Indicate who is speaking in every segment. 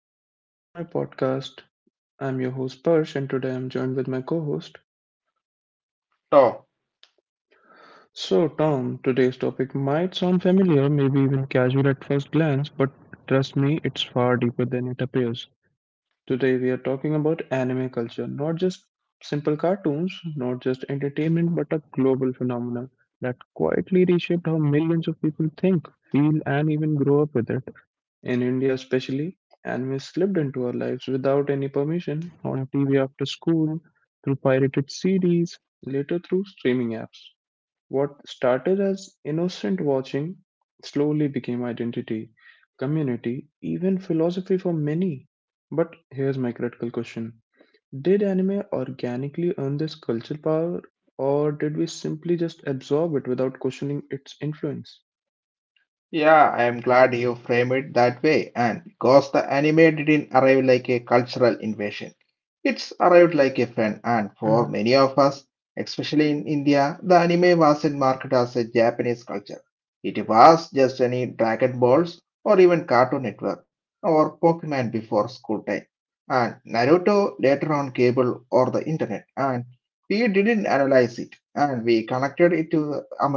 Speaker 1: welcome back to my podcast. I'm your host Parsh, and today I'm joined with my co-host.
Speaker 2: So
Speaker 1: So, Tom, today's topic might sound familiar, maybe even casual at first glance, but trust me, it's far deeper than it appears. Today we are talking about anime culture, not just simple cartoons, not just entertainment, but a global phenomenon that quietly reshaped how millions of people think, feel, and even grow up with it. In India, especially, anime slipped into our lives without any permission, on TV after school, through pirated CDs, later through streaming apps. What started as innocent watching slowly became identity, community, even philosophy for many. But here's my critical question: Did anime organically earn this cultural power, or did we simply just absorb it without questioning its influence?
Speaker 2: yeah, I am glad you frame it that way. And because the anime didn't arrive like a cultural invasion, it's arrived like a friend. And for many of us, especially in India, the anime wasn't marketed as a Japanese culture. It was just any Dragon Balls or even Cartoon Network or Pokemon before school time. And Naruto later on cable or the internet. And we didn't analyze it and we connected it to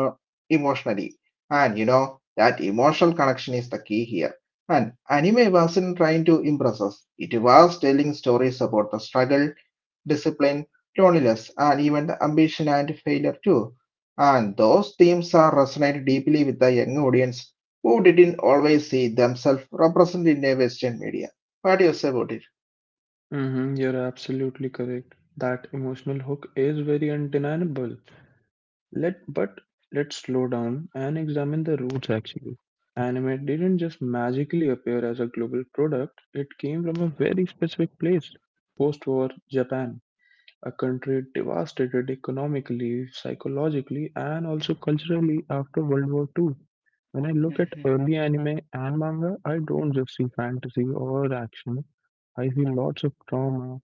Speaker 2: emotionally. And you know, that emotional connection is the key here. And anime wasn't trying to impress us, it was telling stories about the struggle, discipline, loneliness, and even the ambition and failure too. And those themes are resonate deeply with the young audience who didn't always see themselves represented in a Western media. What do you say about it?
Speaker 1: You're absolutely correct. That emotional hook is very undeniable. Let but let's slow down and examine the roots actually. Anime didn't just magically appear as a global product, it came from a very specific place. Post-war Japan, a country devastated economically, psychologically, and also culturally after World War Two. When I look at early anime and manga, I don't just see fantasy or action. I see lots of trauma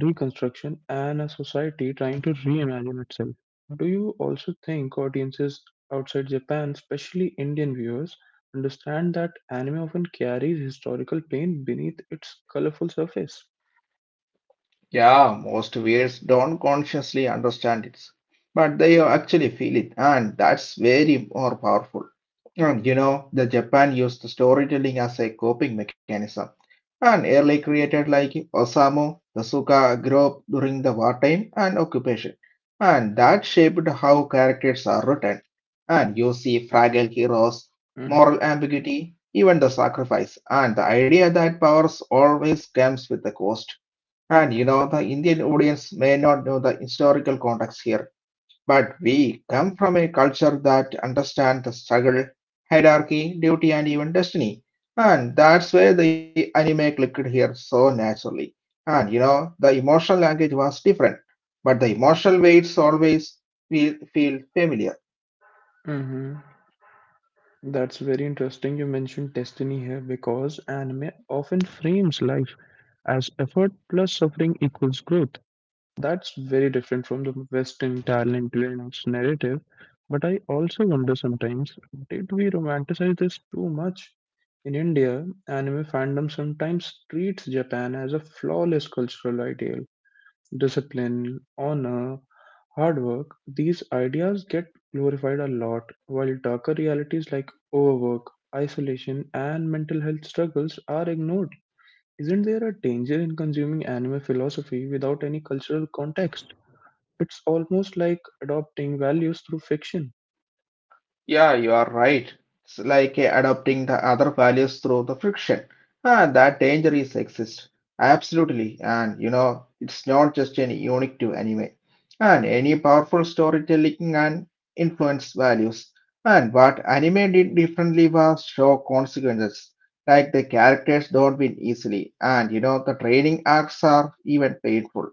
Speaker 1: reconstruction and a society trying to reimagine itself. Do you also think audiences outside Japan, especially Indian viewers, understand that anime often carries historical pain beneath its colorful surface?
Speaker 2: Yeah, most weirds don't consciously understand it, but they actually feel it, and that's very more powerful. And you know, the Japan used the storytelling as a coping mechanism, and early created like Osamu, the Suka group during the wartime and occupation, and that shaped how characters are written. And you see fragile heroes,
Speaker 1: Mhm.
Speaker 2: moral ambiguity, even the sacrifice, and the idea that powers always comes with a cost. And you know, the Indian audience may not know the historical context here, but we come from a culture that understands the struggle, hierarchy, duty, and even destiny. And that's where the anime clicked here so naturally. And you know, the emotional language was different, but the emotional weights always feel familiar.
Speaker 1: Mm-hmm. That's very interesting. You mentioned destiny here because anime often frames life as effort plus suffering equals growth. That's very different from the Western talent wins narrative, but I also wonder sometimes, did we romanticize this too much? In India, anime fandom sometimes treats Japan as a flawless cultural ideal. Discipline, honor, hard work, these ideas get glorified a lot, while darker realities like overwork, isolation, and mental health struggles are ignored. Isn't there a danger in consuming anime philosophy without any cultural context? It's almost like adopting values through fiction.
Speaker 2: Yeah, you are right. It's like adopting the other values through the friction. Ah, that danger is exist. Absolutely. And you know, it's not just an unique to anime. And any powerful storytelling and influence values. And what anime did differently was show consequences. Like the characters don't win easily. And you know, the training acts are even painful.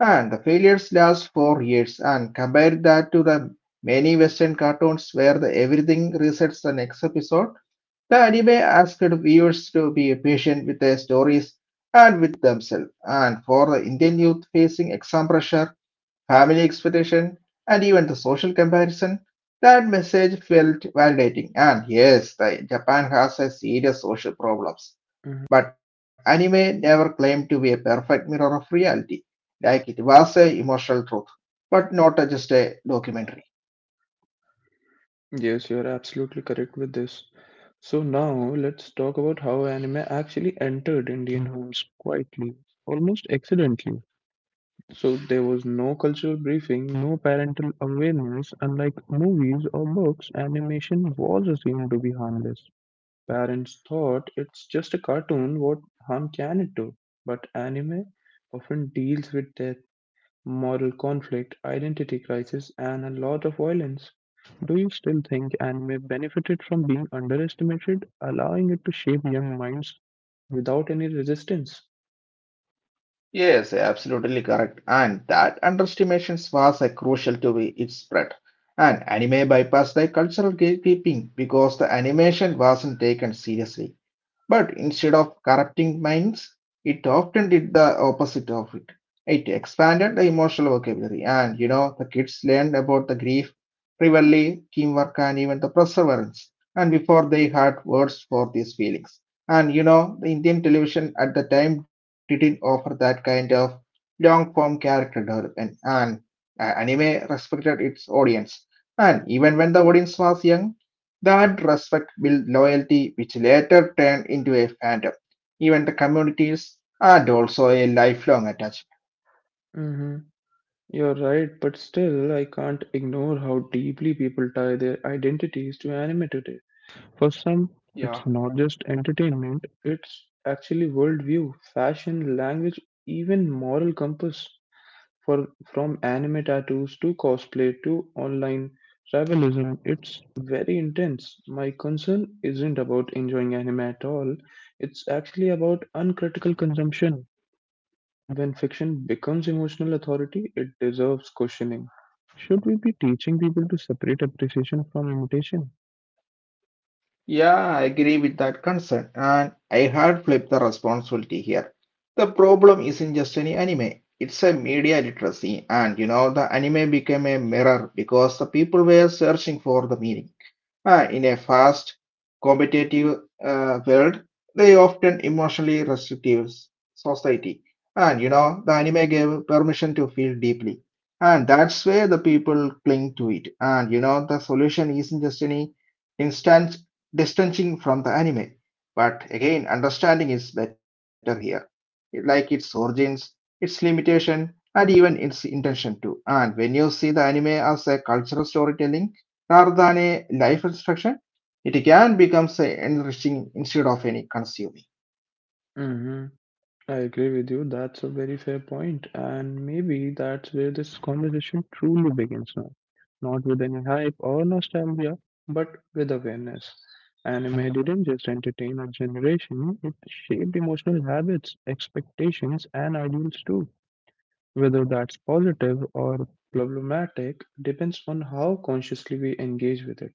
Speaker 2: And the failures last 4 years and compare that to the many Western cartoons where the everything resets the next episode, the anime asked viewers to be patient with their stories and with themselves. And for the Indian youth facing exam pressure, family expectation, and even the social comparison, that message felt validating. And yes, the Japan has a serious social problems,
Speaker 1: Mhm.
Speaker 2: but anime never claimed to be a perfect mirror of reality. Like it was a emotional truth, but not a- just a documentary.
Speaker 1: Yes, you're absolutely correct with this. So now let's talk about how anime actually entered Indian homes quietly, almost accidentally. So there was no cultural briefing, no parental awareness. Unlike movies or books, animation was assumed to be harmless. Parents thought it's just a cartoon, what harm can it do? But anime often deals with death, moral conflict, identity crisis, and a lot of violence. Do you still think anime benefited from being underestimated, allowing it to shape young minds without any resistance?
Speaker 2: Yes, absolutely correct. And that underestimation was a crucial to be its spread. And anime bypassed the cultural gatekeeping because the animation wasn't taken seriously. But instead of corrupting minds, it often did the opposite of it. It expanded the emotional vocabulary, and you know, the kids learned about the grief, rivalry, teamwork, and even the perseverance. And before they had words for these feelings. And you know, the Indian television at the time didn't offer that kind of long form character development, and anime respected its audience. And even when the audience was young, that respect built loyalty, which later turned into a fandom. Even the communities and also a lifelong attachment.
Speaker 1: hmm You're right, but still, I can't ignore how deeply people tie their identities to anime today. For some, it's
Speaker 2: Yeah,
Speaker 1: not just entertainment, it's actually worldview, fashion, language, even moral compass. For from anime tattoos to cosplay to online tribalism, it's very intense. My concern isn't about enjoying anime at all, it's actually about uncritical consumption. When fiction becomes emotional authority, it deserves questioning. Should we be teaching people to separate appreciation from imitation?
Speaker 2: yeah, I agree with that concern, and I had flipped the responsibility here. The problem isn't just any anime; it's a media literacy, and you know the anime became a mirror because the people were searching for the meaning. In a fast, competitive world, they often emotionally restrictive society. And you know, the anime gave permission to feel deeply. And that's where the people cling to it. And you know, the solution isn't just any instant distancing from the anime, but again, understanding is better here. Like its origins, its limitation, and even its intention too. And when you see the anime as a cultural storytelling, rather than a life instruction, it can become say, enriching instead of any consuming.
Speaker 1: Mhm. I agree with you. That's a very fair point, and maybe that's where this conversation truly begins now. Not with any hype or nostalgia, but with awareness. Anime didn't just entertain our generation, it shaped emotional habits, expectations, and ideals too. Whether that's positive or problematic depends on how consciously we engage with it.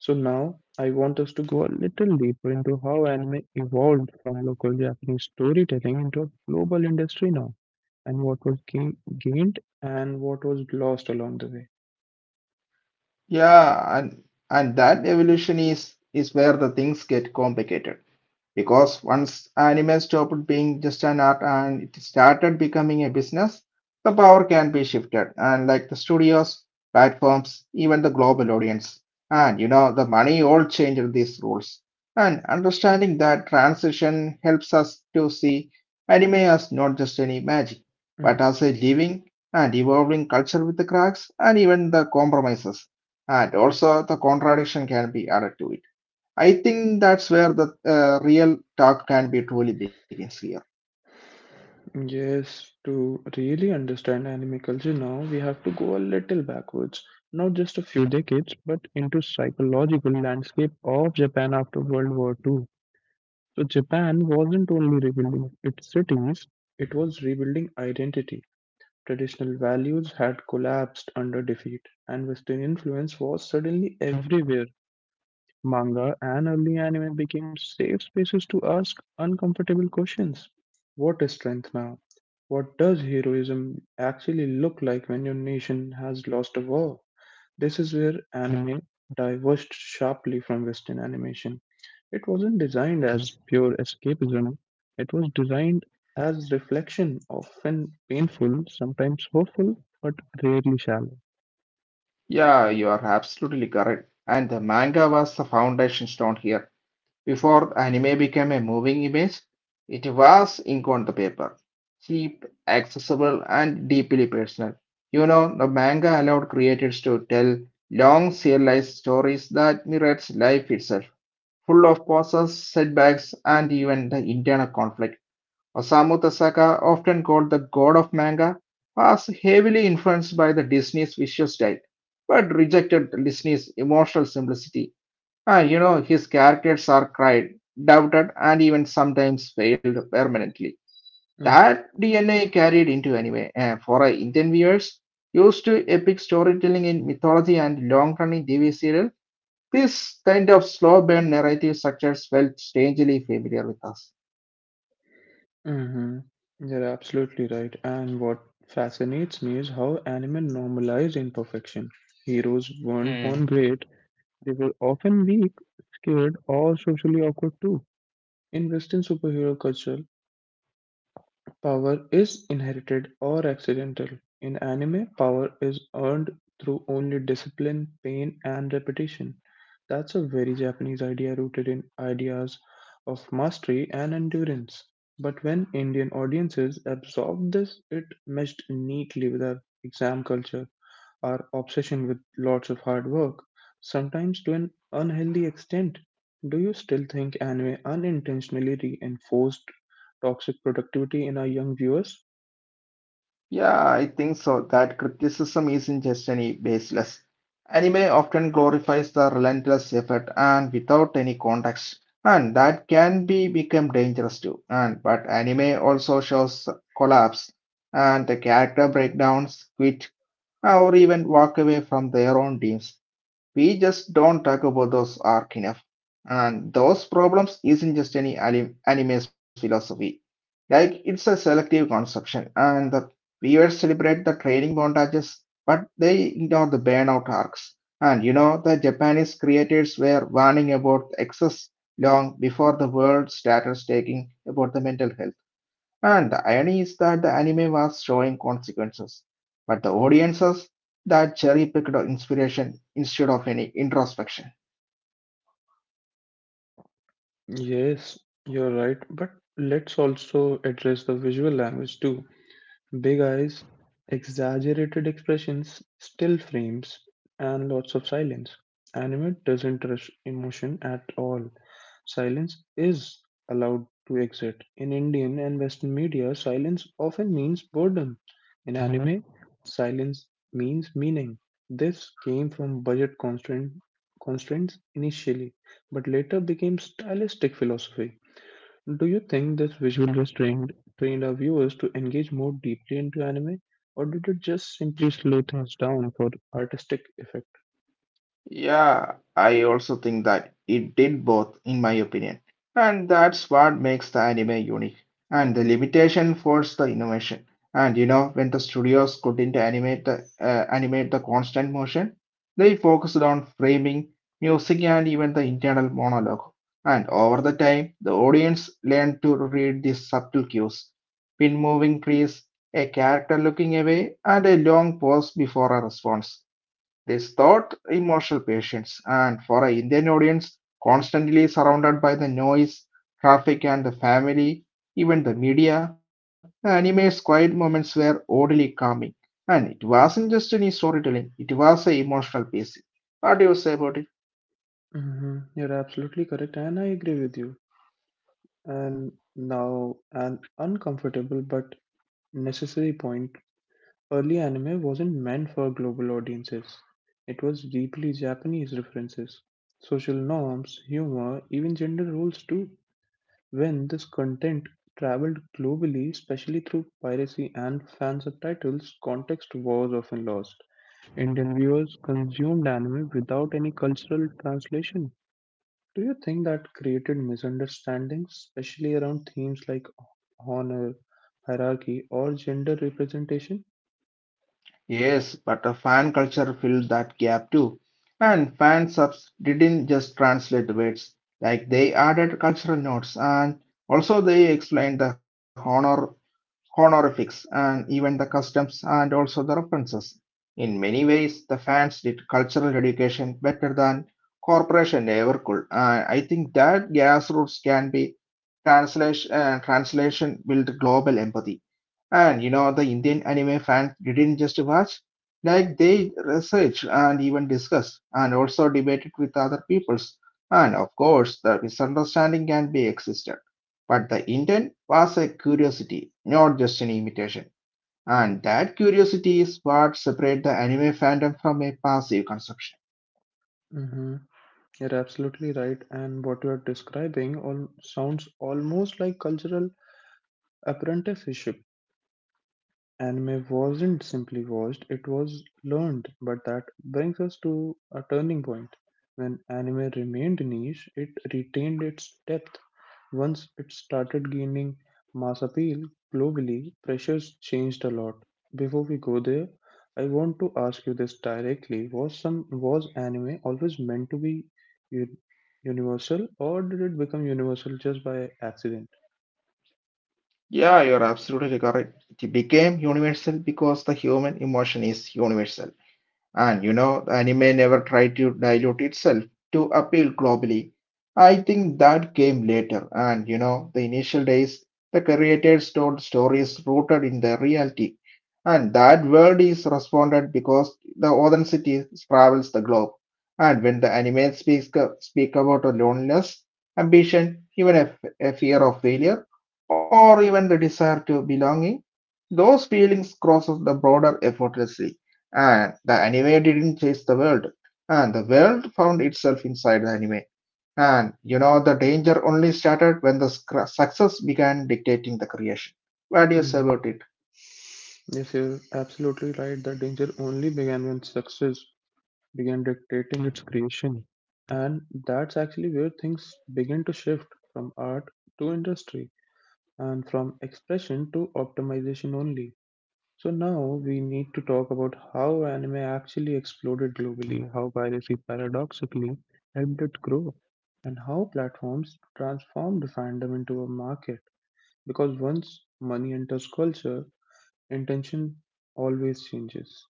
Speaker 1: So now I want us to go a little deeper into how anime evolved from local Japanese storytelling into a global industry now, and what was gained and what was lost along the way.
Speaker 2: Yeah, and that evolution is where the things get complicated. Because once anime stopped being just an art and it started becoming a business, the power can be shifted, and like the studios, platforms, even the global audience. And you know, the money all changed these rules. And understanding that transition helps us to see anime as not just any magic,
Speaker 1: Mhm.
Speaker 2: but as a living and evolving culture with the cracks and even the compromises. And also, the contradiction can be added to it. I think that's where the real talk can be truly begins here.
Speaker 1: Yes, to really understand anime culture now, we have to go a little backwards, not just a few decades, but into psychological landscape of Japan after World War II. So Japan wasn't only rebuilding its cities, it was rebuilding identity. Traditional values had collapsed under defeat, and Western influence was suddenly everywhere. Manga and early anime became safe spaces to ask uncomfortable questions. What is strength now? What does heroism actually look like when your nation has lost a war? This is where anime diverged sharply from Western animation. It wasn't designed as pure escapism, it was designed as reflection, often painful, sometimes hopeful, but rarely shallow.
Speaker 2: Yeah, you are absolutely correct. And the manga was the foundation stone here. Before the anime became a moving image, it was ink on the paper, cheap, accessible, and deeply personal. You know, the manga allowed creators to tell long serialized stories that mirrors life itself, full of pauses, setbacks, and even the internal conflict. Osamu Tezuka, often called the god of manga, was heavily influenced by the Disney's visual style, but rejected Disney's emotional simplicity. You know, his characters are cried, doubted, and even sometimes failed permanently. That DNA carried into anime. For our Indian viewers, used to epic storytelling in mythology and long-running TV serial, this kind of slow burn narrative structures felt strangely familiar with us.
Speaker 1: Mm-hmm. You're absolutely right. And what fascinates me is how anime normalized imperfection. Heroes weren't born great, they were often weak, scared, or socially awkward too. In Western superhero culture, power is inherited or accidental; in anime, power is earned through only discipline, pain, and repetition. That's a very Japanese idea rooted in ideas of mastery and endurance. But when Indian audiences absorbed this, it meshed neatly with our exam culture. Our obsession with lots of hard work, sometimes to an unhealthy extent. Do you still think anime unintentionally reinforced toxic productivity in our young viewers?
Speaker 2: Yeah, I think so. That criticism isn't just any baseless. Anime often glorifies the relentless effort and without any context, and that can be become dangerous too. And but anime also shows collapse and the character breakdowns, quit, or even walk away from their own teams we just don't talk about those arc enough. And those problems isn't just any anime's philosophy. Like it's a selective construction, and the viewers celebrate the training montages, but they ignore the burnout arcs. And you know, the Japanese creators were warning about excess long before the world started taking about the mental health. And the irony is that the anime was showing consequences, but the audiences that cherry picked inspiration instead of any introspection.
Speaker 1: Yes, you're right, but let's also address the visual language too. Big eyes, exaggerated expressions, still frames, and lots of silence. Anime doesn't rush emotion at all. Silence is allowed to exist. In Indian and Western media, silence often means boredom. In anime, silence means meaning. This came from constraints initially, but later became stylistic philosophy. Do you think this visual restraint trained our viewers to engage more deeply into anime, or did it just simply slow things down for artistic effect?
Speaker 2: Yeah, I also think that it did both, in my opinion. And that's what makes the anime unique. And the limitation forced the innovation. And you know, when the studios couldn't animate the constant motion, they focused on framing, music, and even the internal monologue. And over the time, the audience learned to read these subtle cues. Pin moving trees, a character looking away, and a long pause before a response they sought emotional patience, and for an Indian audience constantly surrounded by the noise, traffic, and the family, even the media, the anime's quiet moments were oddly calming. And it wasn't just any storytelling, it was an emotional pacing. What do you say about it?
Speaker 1: You're absolutely correct, and I agree with you. And now, an uncomfortable but necessary point: early anime wasn't meant for global audiences, it was deeply Japanese references, social norms, humor, even gender roles, too. When this content traveled globally, especially through piracy and fan subtitles, context was often lost. Indian viewers consumed anime without any cultural translation. Do you think that created misunderstandings, especially around themes like honor, hierarchy, or gender representation?
Speaker 2: Yes, but the fan culture filled that gap too. And fan subs didn't just translate the words, like they added cultural notes and also they explained the honorifics, and even the customs and also the references. In many ways, the fans did cultural education better than corporation ever could. And I think that grassroots can be translation build global empathy. And you know, the Indian anime fans didn't just watch, like they researched and even discussed and also debated with other peoples. And of course, the misunderstanding can be existed. But the intent was a curiosity, not just an imitation. And that curiosity is what separates the anime fandom from a passive consumption.
Speaker 1: Mm-hmm. You're absolutely right, and what you're describing all sounds almost like cultural apprenticeship. Anime wasn't simply watched, it was learned. But that brings us to a turning point. When anime remained niche, it retained its depth. Once it started gaining mass appeal globally, pressures changed a lot. Before we go there, I want to ask you this directly. Was anime always meant to be u- universal, or did it become universal just by accident?
Speaker 2: Yeah, you're absolutely correct. It became universal because the human emotion is universal. And you know, anime never tried to dilute itself to appeal globally. I think that came later, and you know, the initial days, the creators told stories rooted in their reality, and that world is responded because the authenticity travels the globe. And when the anime speak about a loneliness, ambition, even a fear of failure, or even the desire to belonging, those feelings crosses the border effortlessly. And the anime didn't chase the world, and the world found itself inside the anime. And you know, the danger only started when the success began dictating the creation. What do you say about it?
Speaker 1: Yes, you're absolutely right. The danger only began when success began dictating its creation. And that's actually where things begin to shift from art to industry and from expression to optimization only. So now we need to talk about how anime actually exploded globally, how piracy paradoxically helped it grow, and how platforms transformed the fandom into a market. Because once money enters culture, intention always changes.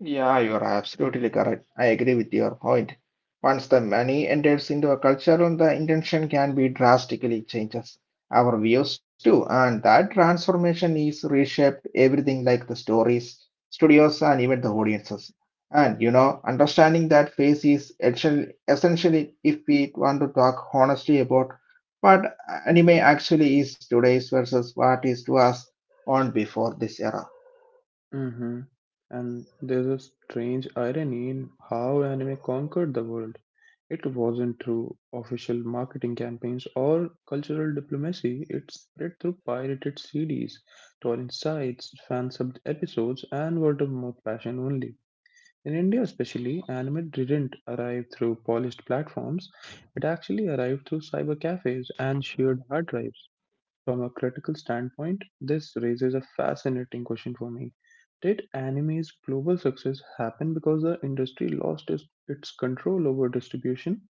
Speaker 2: Yeah, you are absolutely correct. I agree with your point. Once the money enters into a culture, the intention can be drastically changes our views too, and that transformation is reshaped everything like the stories, studios, and even the audiences. And you know, understanding that phase is essentially if we want to talk honestly about what anime actually is today's versus what is to us on before this era.
Speaker 1: hmm And there's a strange irony in how anime conquered the world. It wasn't through official marketing campaigns or cultural diplomacy, it spread through pirated CDs, torrent sites, fan subbed episodes, and word of mouth passion only. In India, especially, anime didn't arrive through polished platforms, it actually arrived through cyber cafes and shared hard drives. From a critical standpoint, this raises a fascinating question for me. Did anime's global success happen because the industry lost its control over distribution?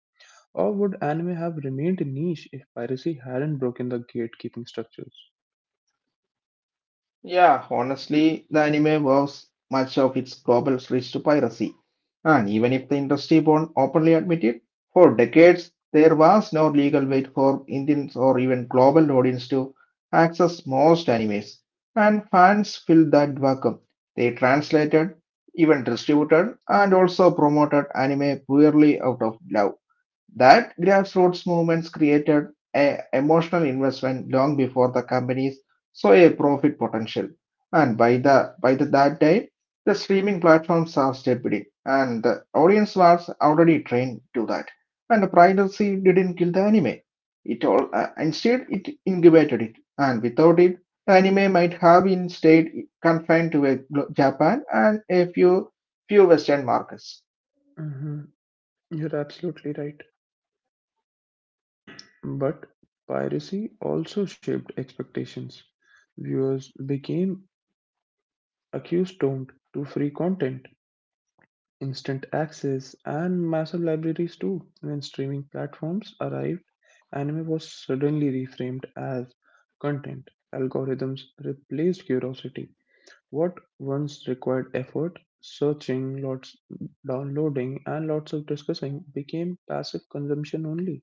Speaker 1: Or would anime have remained niche if piracy hadn't broken the gatekeeping structures?
Speaker 2: Yeah, honestly, the anime owes much of its global reach to piracy. And even if the industry won't openly admit it, for decades there was no legal way for Indians or even global audience to access most animes. And fans filled that vacuum. They translated, even distributed, and also promoted anime purely out of love. That grassroots movements created an emotional investment long before the companies saw a profit potential. And by that time, the streaming platforms saw stability, and the audience was already trained to that. And the piracy didn't kill the anime; it all instead it incubated it. And without it, the anime might have been stayed confined to Japan and a few Western markets.
Speaker 1: Mhm. You're absolutely right. But piracy also shaped expectations. Viewers became accustomed to free content, instant access, and massive libraries too. When streaming platforms arrived, anime was suddenly reframed as content. Algorithms replaced curiosity. What once required effort, searching, lots downloading, and lots of discussing became passive consumption only.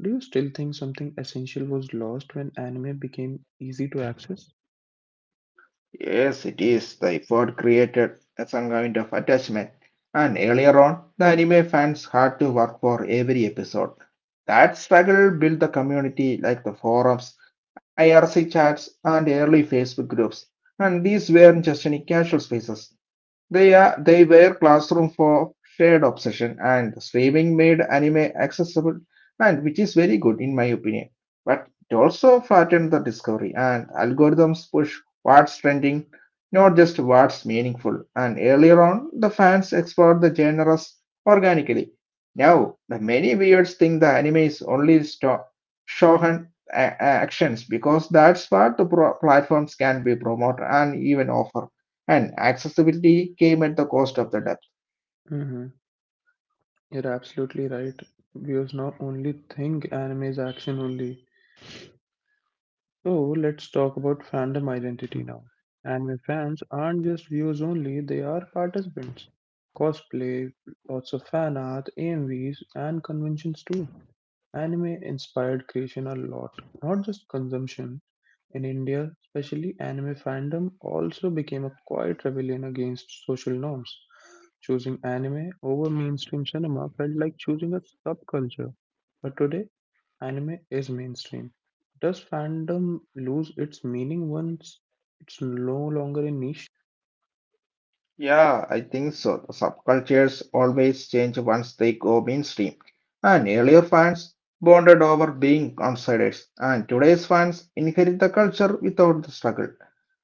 Speaker 1: Do you still think something essential was lost when anime became easy to access?
Speaker 2: Yes, it is. The effort created a some kind of attachment. And earlier on, the anime fans had to work for every episode. That struggle built the community like the forums, IRC chats, and early Facebook groups. And these weren't just any casual spaces. They were classroom for shared obsession, and streaming made anime accessible, and which is very good in my opinion. But it also flattened the discovery, and algorithms push what's trending, not just what's meaningful. And earlier on, the fans explored the genres organically. Now, the many viewers think the anime is only shonen actions because that's what the platforms can be promoted and even offer. And accessibility came at the cost of the depth.
Speaker 1: Mm-hmm. You're absolutely right. Viewers now only think anime is action only. So let's talk about fandom identity now. Anime fans aren't just viewers only, they are participants. Cosplay, lots of fan art, AMVs, and conventions too. Anime inspired creation a lot, not just consumption. In India, especially, anime fandom also became a quiet rebellion against social norms. Choosing anime over mainstream cinema felt like choosing a subculture. But today, anime is mainstream, does fandom lose its meaning once it's no longer a niche?
Speaker 2: Yeah, I think so. Subcultures always change once they go mainstream. And earlier fans bonded over being outsiders, and today's fans inherit the culture without the struggle.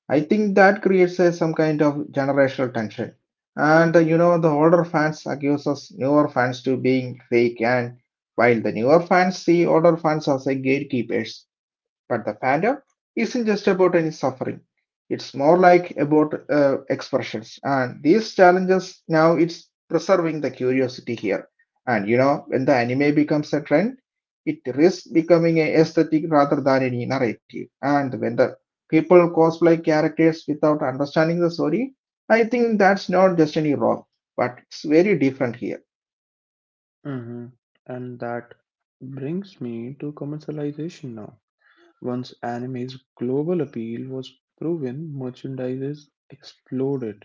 Speaker 2: I think that creates a, some kind of generational tension. And the older fans accuse us newer fans to being fake, and while the newer fans see older fans as a gatekeepers. But the fandom isn't just about any suffering. It's more like about expressions. And these challenges now it's preserving the curiosity here. And you know, when the anime becomes a trend, it risks becoming an aesthetic rather than any narrative. And when the people cosplay characters without understanding the story, I think that's not just any wrong, but it's very different here.
Speaker 1: hmm And that brings me to commercialization now. Once anime's global appeal was proven, merchandise exploded.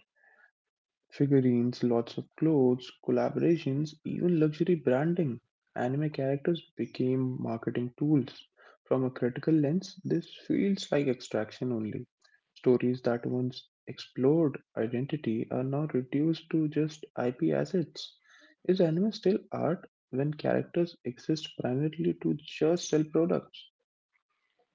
Speaker 1: Figurines, lots of clothes, collaborations, even luxury branding. Anime characters became marketing tools. From a critical lens, this feels like extraction only. Stories that once explored identity are now reduced to just IP assets. Is anime still art when characters exist primarily to just sell products?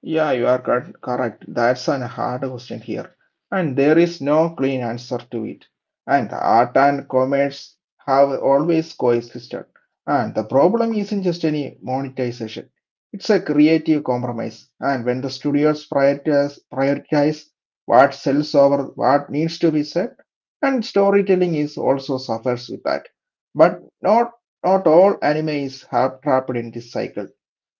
Speaker 2: Yeah, you are correct. That's an hard question here, and there is no clean answer to it. And art and commerce have always coexisted. And the problem isn't just any monetization, it's a creative compromise. And when the studios prioritize what sells over what needs to be said, and storytelling is also suffers with that. But not all anime is trapped in this cycle.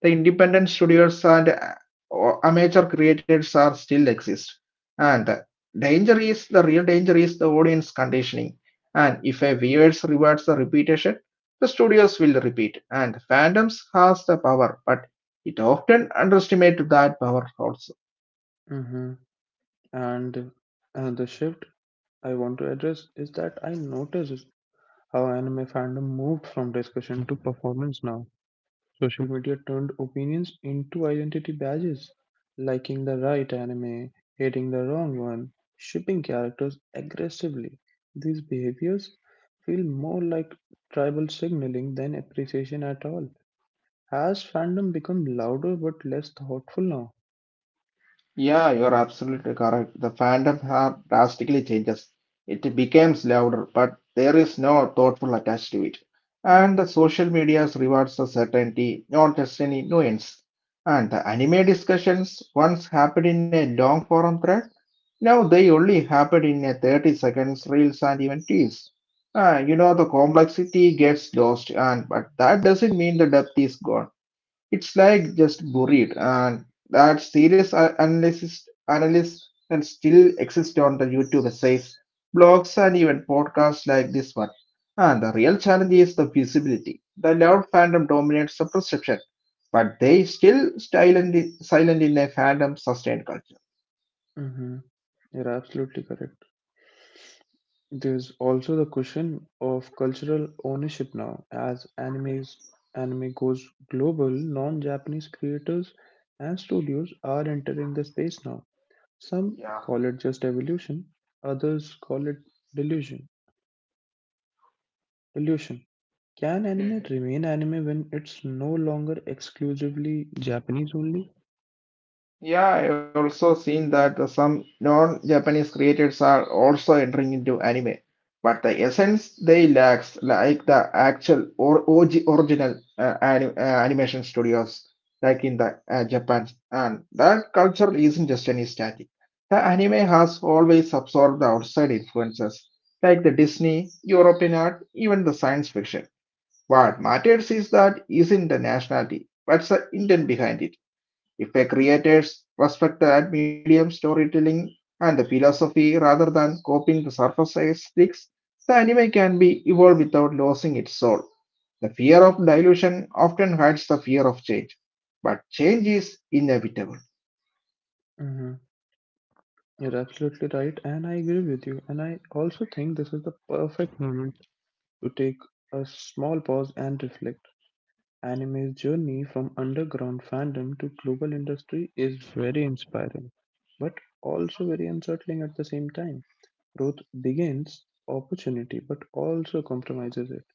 Speaker 2: The independent studios and amateur creators are still exist. And the real danger is the audience conditioning. And if a viewers rewards the repetition, the studios will repeat. And fandoms has the power, but it often underestimates that power also.
Speaker 1: Mm-hmm. And, and the shift I want to address is that I notice how anime fandom moved from discussion to performance now. Social media turned opinions into identity badges, liking the right anime, hating the wrong one, shipping characters aggressively. These behaviors feel more like tribal signaling than appreciation at all. Has fandom become louder but less thoughtful now?
Speaker 2: Yeah, you're absolutely correct. The fandom have drastically changes. It becomes louder, but there is no thoughtful attached to it. And the social media rewards the certainty, not just any nuance. And the anime discussions once happened in a long forum thread, now they only happen in a 30 seconds reels and even tease. The complexity gets lost, and but that doesn't mean the depth is gone. It's like just buried, and that serious analysis can still exist on the YouTube essays, blogs, and even podcasts like this one. And the real challenge is the visibility. The loud fandom dominates the perception, but they still silent in a fandom sustained culture.
Speaker 1: hmm You're absolutely correct. There's also the question of cultural ownership now. As anime goes global, non Japanese creators and studios are entering the space now. Some
Speaker 2: Yeah.
Speaker 1: call it just evolution, others call it delusion. delusion. Can anime remain anime when it's no longer exclusively Japanese only?
Speaker 2: Yeah, I also seen that some non-Japanese creators are also entering into anime, but the essence they lacks, like the actual or OG original animation studios, like in the Japan. And that culture isn't just any static. The anime has always absorbed the outside influences, like the Disney, European art, even the science fiction. What matters is that isn't the nationality, but the intent behind it. If a creators respected medium storytelling and the philosophy rather than copying the surface aesthetics, the anime can be evolved without losing its soul. The fear of dilution often hides the fear of change, but change is inevitable.
Speaker 1: hmm You're absolutely right, and I agree with you. And I also think this is the perfect moment to take a small pause and reflect. Anime's journey from underground fandom to global industry is very inspiring, but also very unsettling at the same time. Growth begins opportunity, but also compromises it.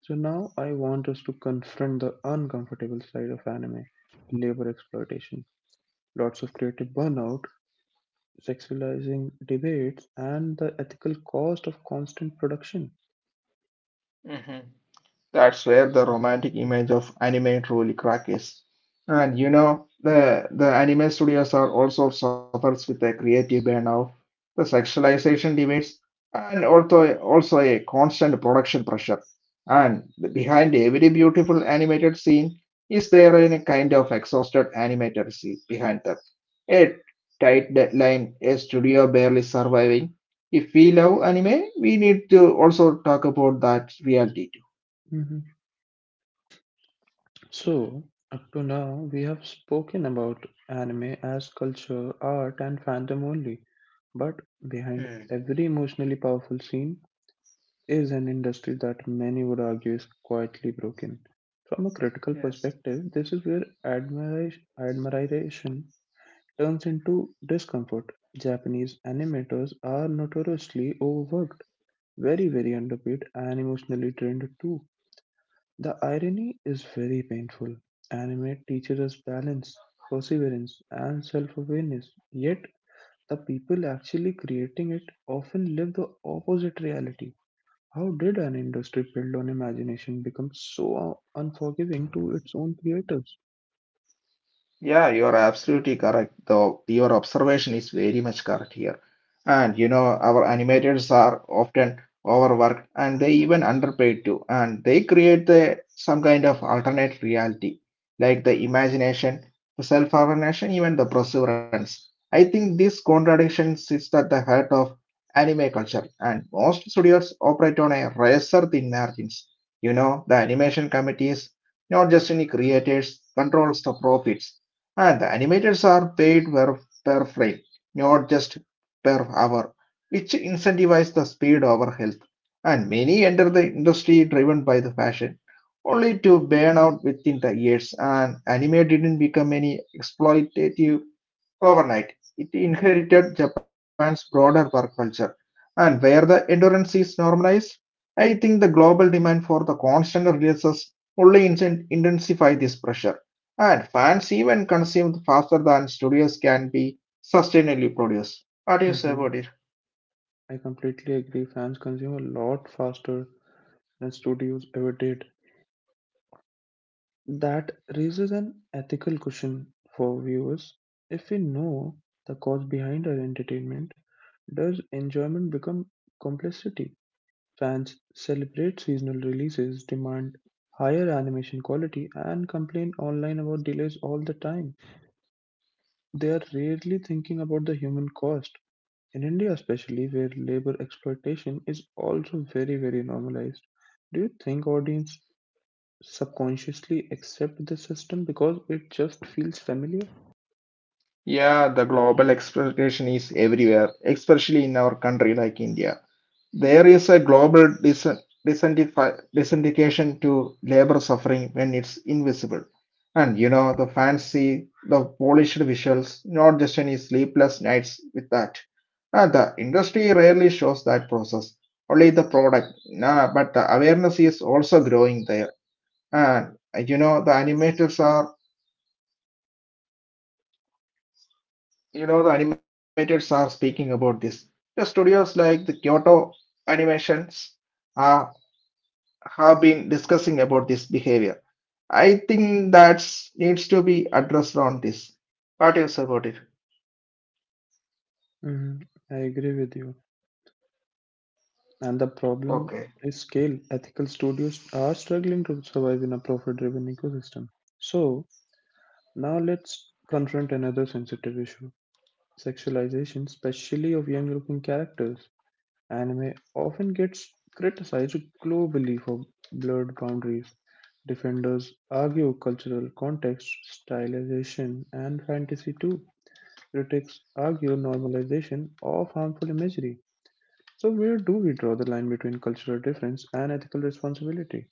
Speaker 1: So now I want us to confront the uncomfortable side of anime labor exploitation. Lots of creative burnout, sexualizing debates, and the ethical cost of constant production.
Speaker 2: That's where the romantic image of anime truly cracks. And you know, the anime studios are also suffers with a creative burnout, the sexualization debates, and also a constant production pressure. And behind every beautiful animated scene is there a kind of exhausted animator see behind them. A tight deadline, a studio barely surviving. If we love anime, we need to also talk about that reality
Speaker 1: Mm-hmm. So, up to now, we have spoken about anime as culture, art, and fandom only. But
Speaker 2: too.
Speaker 1: behind every emotionally powerful scene is an industry that many would argue is quietly broken. From a critical
Speaker 2: Yes.
Speaker 1: perspective, this is where admiration turns into discomfort. Japanese animators are notoriously overworked, very, very underpaid, and emotionally drained too. The irony is very painful. Anime teaches us balance, perseverance, and self awareness, yet, the people actually creating it often live the opposite reality. How did an industry built on imagination become so unforgiving to its own creators?
Speaker 2: Yeah, you are absolutely correct. Though your observation is very much correct here. And you know, our animators are often overworked and they even underpaid too. And they create the some kind of alternate reality, like the imagination, the self-awareness, even the perseverance. I think this contradiction sits at the heart of anime culture, and most studios operate on a razor-thin margins. You know, the animation committees, not just any creators, controls the profits and the animators are paid per frame, not just per hour, which incentivizes the speed over health. And many enter the industry driven by the fashion, only to burn out within the years. And anime didn't become any exploitative overnight, it inherited Japan's broader work culture. And where the endurance is normalized, I think the global demand for the constant releases only intensify this pressure. And fans even consumed faster than studios can be sustainably produced. What do you say
Speaker 1: hmm
Speaker 2: about it?
Speaker 1: I completely agree. Fans consume a lot faster than studios ever did. That raises an ethical question for viewers. If we know the cause behind our entertainment, does enjoyment become complicity? Fans celebrate seasonal releases, demand higher animation quality, and complain online about delays all the time. They are rarely thinking about the human cost. In India, especially, where labor exploitation is also very, very normalized, do you think audience subconsciously accept the system because it just feels familiar?
Speaker 2: Yeah, the global expectation is everywhere, especially in our country like India. There is a to labor suffering when it's invisible. And you know, the fancy, the polished visuals, not just any sleepless nights with that. And the industry rarely shows that process, only the product. Nah, but the awareness is also growing there. And you know, the animators are, you know, the animators are speaking about this. The studios like the Kyoto Animations are. Have been discussing about this behavior. I think that needs to be addressed on this. What is about it?
Speaker 1: hmm I agree with you. And the problem
Speaker 2: Okay.
Speaker 1: is scale. Ethical studios are struggling to survive in a profit driven ecosystem. So, now let's confront another sensitive issue: sexualization, especially of young looking characters. Anime often gets criticized globally for blurred boundaries. Defenders argue cultural context, stylization, and fantasy too. Critics argue normalization of harmful imagery. So, where do we draw the line between cultural difference and ethical responsibility?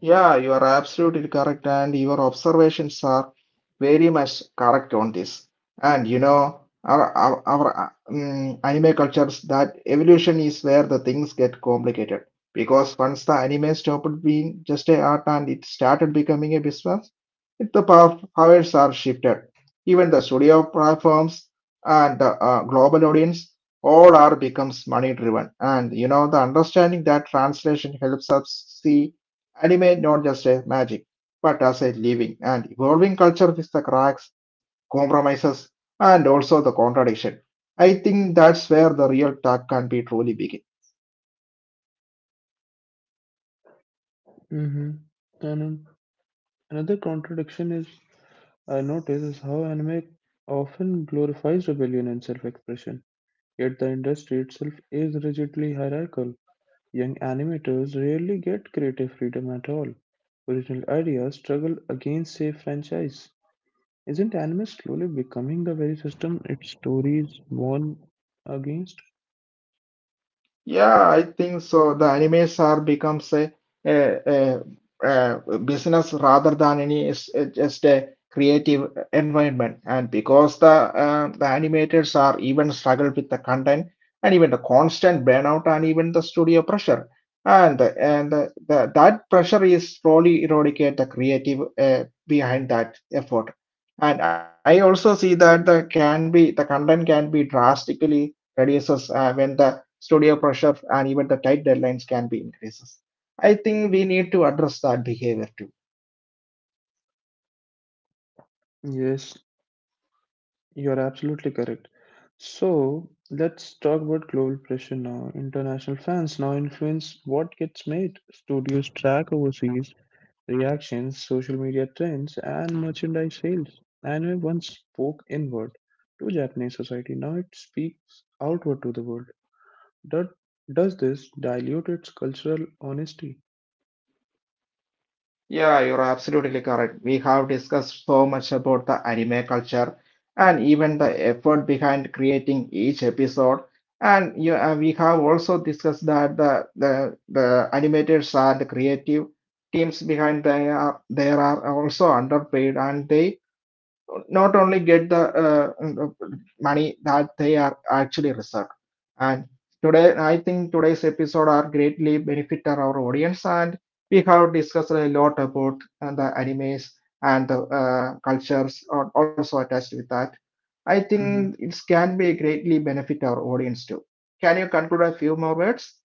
Speaker 2: Yeah, you are absolutely correct, and your observations are very much correct on this. And you know, our anime cultures that evolution is where the things get complicated because once the anime stopped being just a art and it started becoming a business, it, the powers are shifted. Even the studio platforms and the global audience all are becomes money driven. And you know, the understanding that translation helps us see anime not just a magic, but as a living and evolving culture with the cracks, compromises, and also the contradiction. I think that's where the real talk can be truly begin.
Speaker 1: hmm And another contradiction is I notice is how anime often glorifies rebellion and self-expression, yet the industry itself is rigidly hierarchical. Young animators rarely get creative freedom at all. Original ideas struggle against safe franchise. Isn't anime slowly becoming the very system its stories warn against?
Speaker 2: Yeah, I think so. The animes are becomes a, a, a business rather than any is just a creative environment. And because the animators are even struggle with the content and even the constant burnout and even the studio pressure. And that pressure is slowly eradicate the creative behind that effort. And I also see that the can be the content can be drastically reduces when the studio pressure, and even the tight deadlines can be increases. I think we need to address that behavior too.
Speaker 1: Yes, you're absolutely correct. So let's talk about global pressure now. International fans now influence what gets made. Studios track overseas reactions, social media trends, and merchandise sales. Anime once spoke inward to Japanese society, now it speaks outward to the world. Does does this dilute its cultural honesty?
Speaker 2: Yeah, you're absolutely correct. We have discussed so much about the anime culture and even the effort behind creating each episode. And we have also discussed that the animators and the creative teams behind they are also underpaid and they not only get the money that they are actually reserved. And today, I think today's episode are greatly benefit our audience, and we have discussed a lot about the animes and the cultures are also attached with that. I think it can be greatly benefit our audience too. Can you conclude a few more words?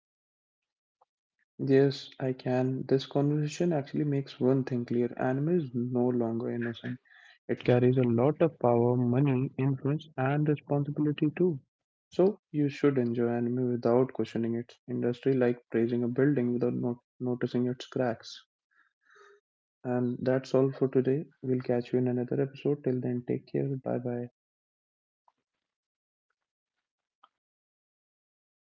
Speaker 1: Yes, I can. This conversation actually makes one thing clear. Anime is no longer innocent. It carries a lot of power, money, influence, and responsibility too. So you should enjoy anime without questioning its industry, like praising a building without not noticing its cracks. And that's all for today. We'll catch you in another episode. Till then, take care. Bye bye.
Speaker 2: So, jaldi jaldi